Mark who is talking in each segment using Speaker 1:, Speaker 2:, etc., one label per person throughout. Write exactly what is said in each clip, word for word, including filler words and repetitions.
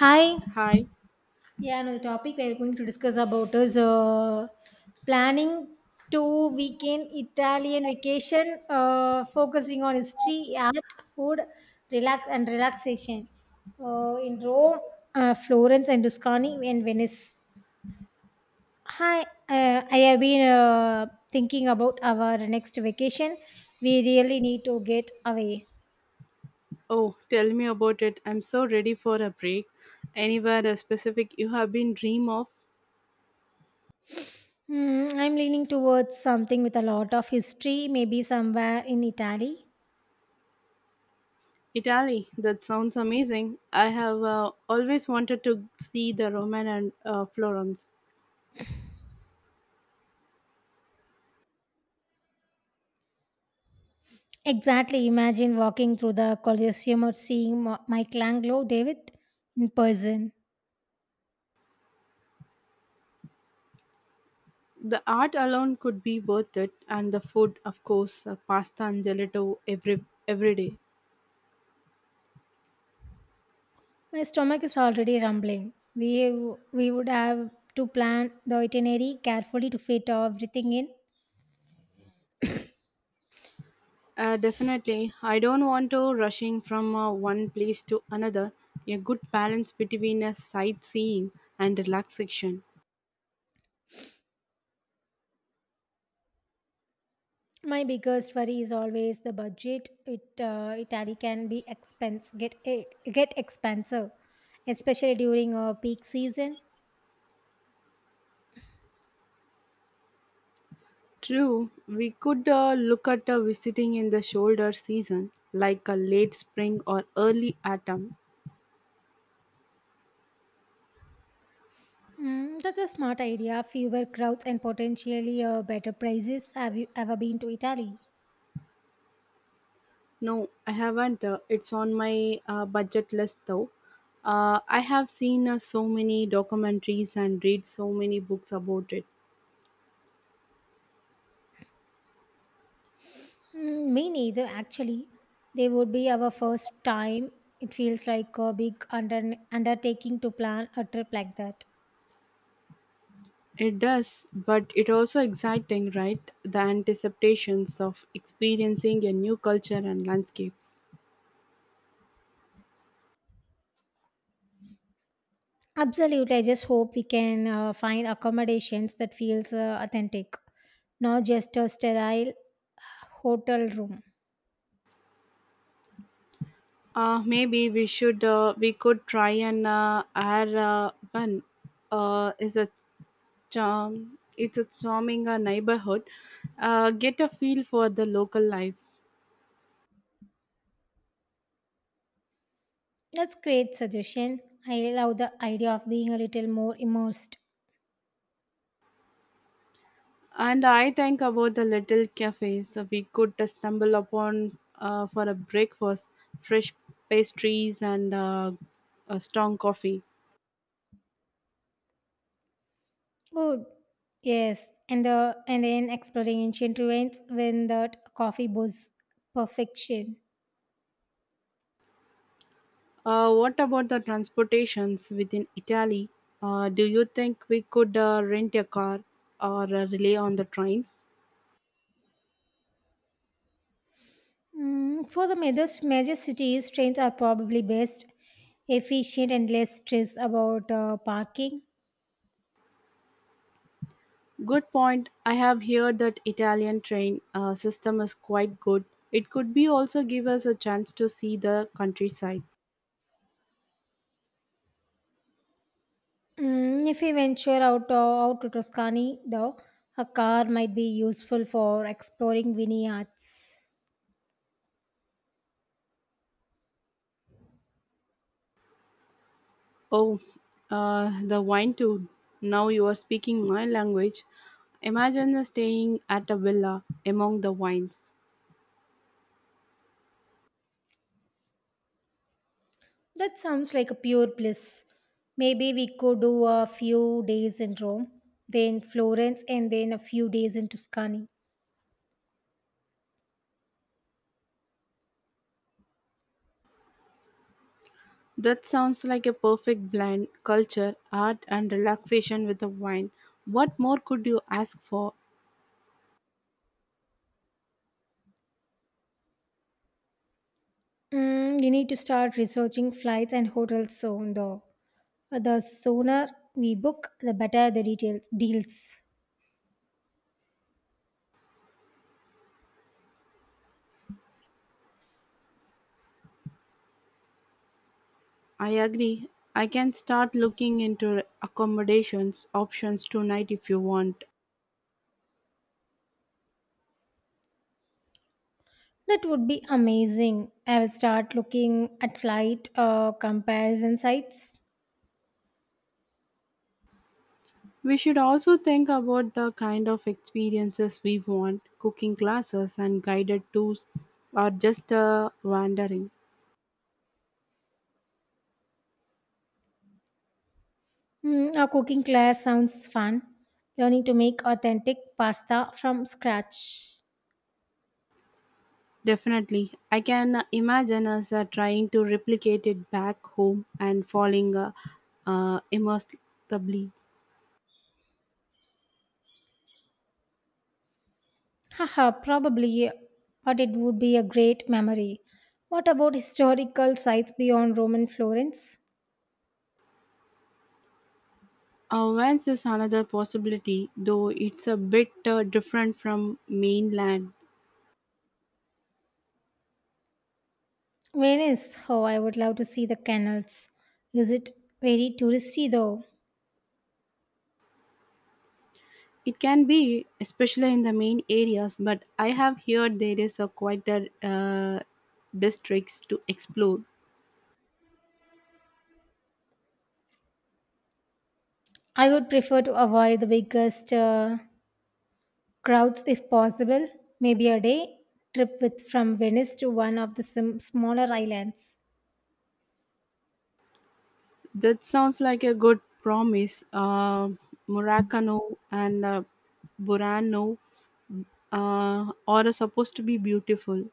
Speaker 1: Hi.
Speaker 2: Hi.
Speaker 1: Yeah, no, the topic we are going to discuss about is uh, planning to weekend Italian vacation, uh, focusing on history, art, food, relax and relaxation uh, in Rome, uh, Florence, and Tuscany and Venice. Hi, uh, I have been uh, thinking about our next vacation. We really need to get away.
Speaker 2: Oh, tell me about it. I'm so ready for a break. Anywhere uh, specific you have been dream of?
Speaker 1: Hmm, I'm leaning towards something with a lot of history, maybe somewhere in Italy.
Speaker 2: Italy. That sounds amazing. I have uh, always wanted to see the Roman and uh, Florence.
Speaker 1: Exactly. Imagine walking through the Colosseum or seeing Ma- Michelangelo David in person.
Speaker 2: The art alone could be worth it, and the food, of course, uh, pasta and gelato every every day.
Speaker 1: My stomach is already rumbling. We we would have to plan the itinerary carefully to fit everything in.
Speaker 2: Uh, definitely. I don't want to rushing from uh, one place to another. A good balance between a sightseeing and relaxation.
Speaker 1: My biggest worry is always the budget. It uh, Italy can be expense get eh, get expensive, especially during a peak season.
Speaker 2: True, we could uh, look at uh, visiting in the shoulder season, like a late spring or early autumn.
Speaker 1: Mm, that's a smart idea. Fewer crowds and potentially uh, better prices. Have you ever been to Italy?
Speaker 2: No, I haven't. Uh, it's on my uh, budget list though. Uh, I have seen uh, so many documentaries and read so many books about it.
Speaker 1: Mm, me neither, actually. They would be our first time. It feels like a big under- undertaking to plan a trip like that.
Speaker 2: It does, but it also exciting, right? The anticipations of experiencing a new culture and landscapes.
Speaker 1: Absolutely. I just hope we can uh, find accommodations that feels uh, authentic, not just a sterile uh, hotel room.
Speaker 2: Uh, maybe we should uh, we could try an uh, air uh, one. Uh, is a charm It's a charming uh, neighborhood, uh, get a feel for the local life.
Speaker 1: That's great suggestion. I love the idea of being a little more immersed.
Speaker 2: And I think about the little cafes, uh, we could uh, stumble upon uh, for a breakfast, fresh pastries and uh, a strong coffee.
Speaker 1: Oh, yes, and the and then exploring ancient ruins when that coffee booze perfection.
Speaker 2: Uh, what about the transportations within Italy? Uh, do you think we could uh, rent a car or uh, rely on the trains?
Speaker 1: Mm, for the major, major cities, trains are probably best, efficient, and less stress about uh, parking.
Speaker 2: Good point. I have heard that Italian train uh, system is quite good. It could be also give us a chance to see the countryside.
Speaker 1: Mm, if we venture out, uh, out to Toscany, though, a car might be useful for exploring vineyards.
Speaker 2: Oh, uh, the wine too. Now you are speaking my language. Imagine us staying at a villa among the wines.
Speaker 1: That sounds like a pure bliss. Maybe we could do a few days in Rome, then Florence, and then a few days in Tuscany.
Speaker 2: That sounds like a perfect blend, culture, art, and relaxation with the wine. What more could you ask for?
Speaker 1: Mm, we need to start researching flights and hotels soon, though. The sooner we book, the better the details deals.
Speaker 2: I agree. I can start looking into accommodations options tonight if you want.
Speaker 1: That would be amazing. I will start looking at flight uh, comparison sites.
Speaker 2: We should also think about the kind of experiences we want. Cooking classes and guided tours, or just uh, wandering.
Speaker 1: Mm, our cooking class sounds fun. Learning to make authentic pasta from scratch.
Speaker 2: Definitely. I can imagine us uh, trying to replicate it back home and falling uh, uh, immersively.
Speaker 1: Haha, probably, but it would be a great memory. What about historical sites beyond Roman Florence?
Speaker 2: Ovens is another possibility, though it's a bit uh, different from mainland.
Speaker 1: Venice, oh, I would love to see the canals. Is it very touristy though?
Speaker 2: It can be, especially in the main areas, but I have heard there is a quieter uh, districts to explore.
Speaker 1: I would prefer to avoid the biggest uh, crowds if possible. Maybe a day trip with from Venice to one of the sim- smaller islands.
Speaker 2: That sounds like a good promise. Uh, Murakano and uh, Burano uh, are supposed to be beautiful,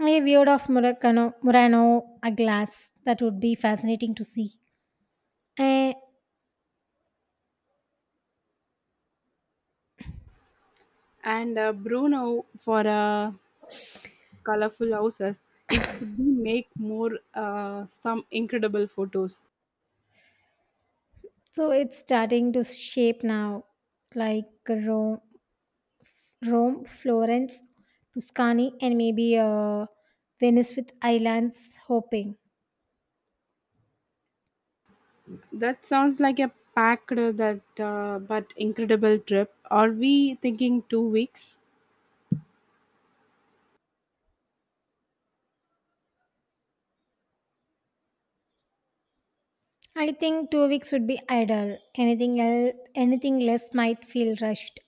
Speaker 1: I viewed of Murano, Murano a glass. That would be fascinating to see. Eh,
Speaker 2: and uh, Bruno for uh, colorful houses. It could be make more uh, some incredible photos.
Speaker 1: so it's starting to shape now, like Rome Rome, Florence, Tuscany, and maybe uh, Venice with islands hopping.
Speaker 2: That sounds like a packed, uh, that uh, but incredible trip. Are we thinking two weeks?
Speaker 1: I think two weeks would be ideal. Anything else, anything less might feel rushed.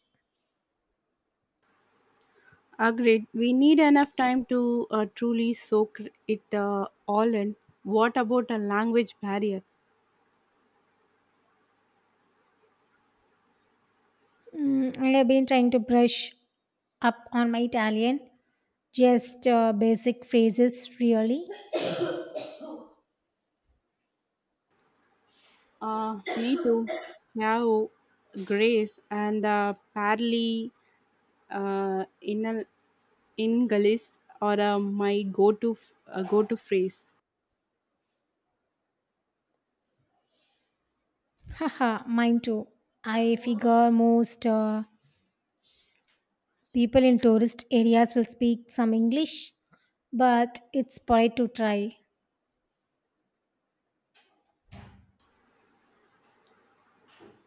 Speaker 2: Agreed. We need enough time to uh, truly soak it uh, all in. What about a language barrier?
Speaker 1: Mm, I have been trying to brush up on my Italian, just uh, basic phrases, really.
Speaker 2: Uh, me too. Ciao, Grace, and uh, Parley uh, in a, in Galis, or uh, my go to uh, go to phrase.
Speaker 1: Haha, mine too. I figure most uh, people in tourist areas will speak some English, but it's polite to try.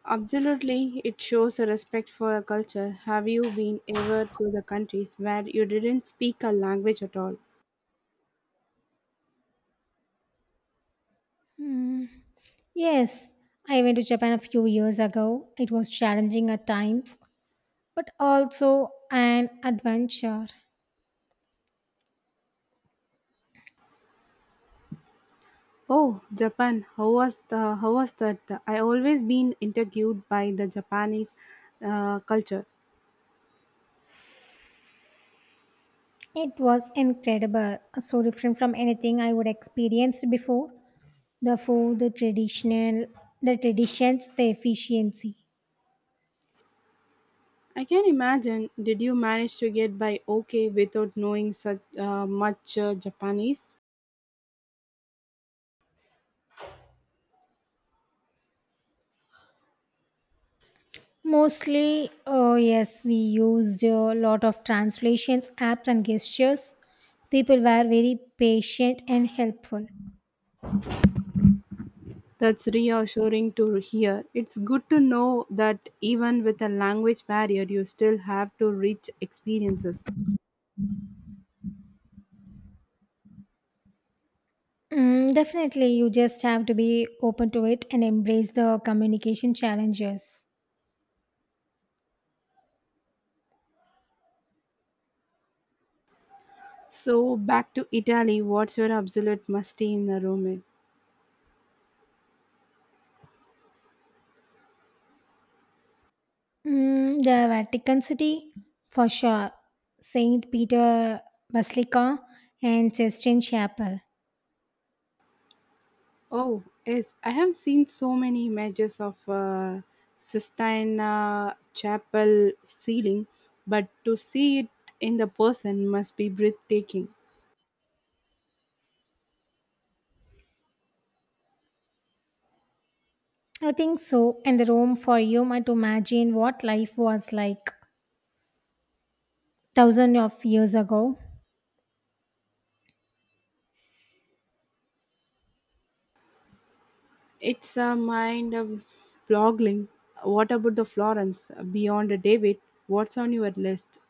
Speaker 2: Absolutely, it shows a respect for a culture. Have you been ever to the countries where you didn't speak a language at all?
Speaker 1: Yes, I went to Japan a few years ago. It was challenging at times, but also an adventure.
Speaker 2: Oh, Japan. How was the how was that? I always been interviewed by the Japanese uh, culture.
Speaker 1: It was incredible, so different from anything I would experienced before. The food, the traditional, the traditions, the efficiency.
Speaker 2: I can imagine. Did you manage to get by okay without knowing such uh, much uh, Japanese?
Speaker 1: Mostly, oh yes, we used a lot of translations, apps, and gestures. People were very patient and helpful.
Speaker 2: That's reassuring to hear. It's good to know that even with a language barrier, you still have to reach experiences.
Speaker 1: Mm, definitely, you just have to be open to it and embrace the communication challenges.
Speaker 2: So back to Italy, what's your absolute musty in the Roman?
Speaker 1: Mm, the Vatican City, for sure. Saint Peter Basilica and Sistine Chapel.
Speaker 2: Oh, yes, I have seen so many images of uh, Sistine Chapel ceiling, but to see it in the person must be breathtaking.
Speaker 1: I think so. And the Rome for you might imagine what life was like thousands of years ago.
Speaker 2: It's a mind of blogging. What about the Florence beyond the David? What's on your list?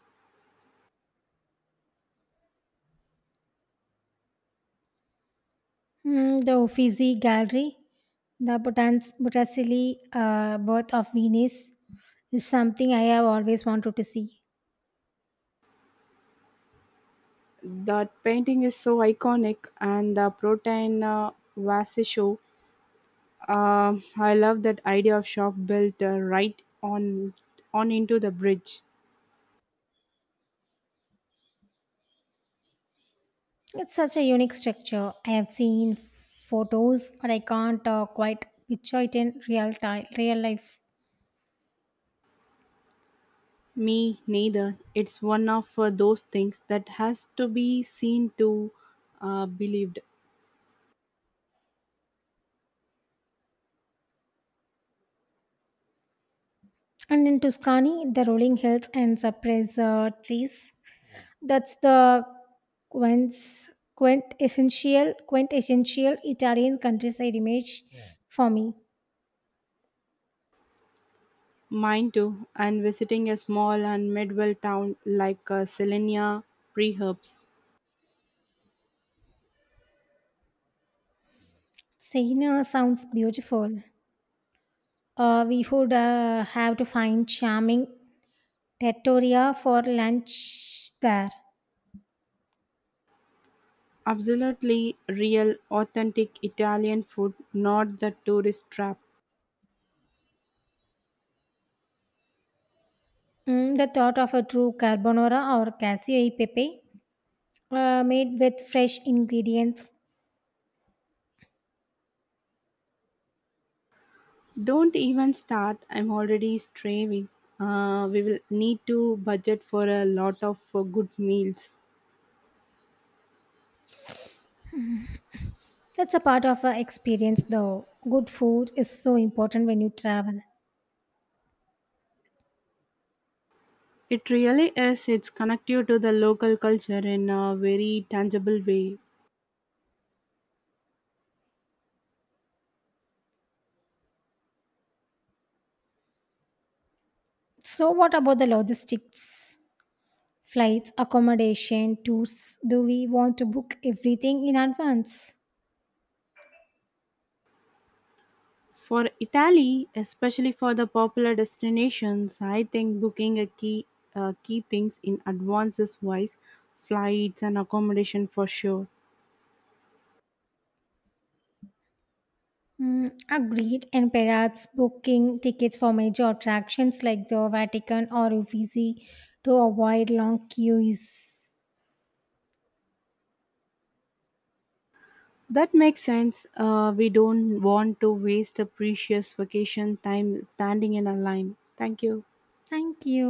Speaker 1: Mm, the Uffizi Gallery, the Botans- Botticelli uh, birth of Venus is something I have always wanted to see.
Speaker 2: That painting is so iconic, and the Protein uh, Vasisho. Um, I love that idea of shop built uh, right on on into the bridge.
Speaker 1: It's such a unique structure. I have seen photos, but I can't uh, quite picture it in real time, real life.
Speaker 2: Me neither. It's one of uh, those things that has to be seen to uh, believed.
Speaker 1: And in Tuscany, the rolling hills and cypress uh, trees. That's the quince, quintessential, quintessential Italian countryside image for me.
Speaker 2: Mine too. And visiting a small and medieval town like uh, Selenia Preherbs.
Speaker 1: Siena sounds beautiful. Uh, we would uh, have to find charming trattoria for lunch there.
Speaker 2: Absolutely real, authentic Italian food, not the tourist trap.
Speaker 1: Mm, the thought of a true carbonara or casio e pepe uh, made with fresh ingredients.
Speaker 2: Don't even start. I'm already straining. Uh, we will need to budget for a lot of uh, good meals.
Speaker 1: That's a part of our experience though. Good food is so important when you travel.
Speaker 2: It really is. It's connect you to the local culture in a very tangible way.
Speaker 1: So what about the logistics? Flights, accommodation, tours. Do we want to book everything in advance?
Speaker 2: For Italy, especially for the popular destinations, I think booking a key uh, key things in advance is wise, flights and accommodation for sure.
Speaker 1: Mm, agreed, and perhaps booking tickets for major attractions like the Vatican or Uffizi to avoid long queues.
Speaker 2: That makes sense. Uh, we don't want to waste a precious vacation time standing in a line. Thank you.
Speaker 1: Thank you.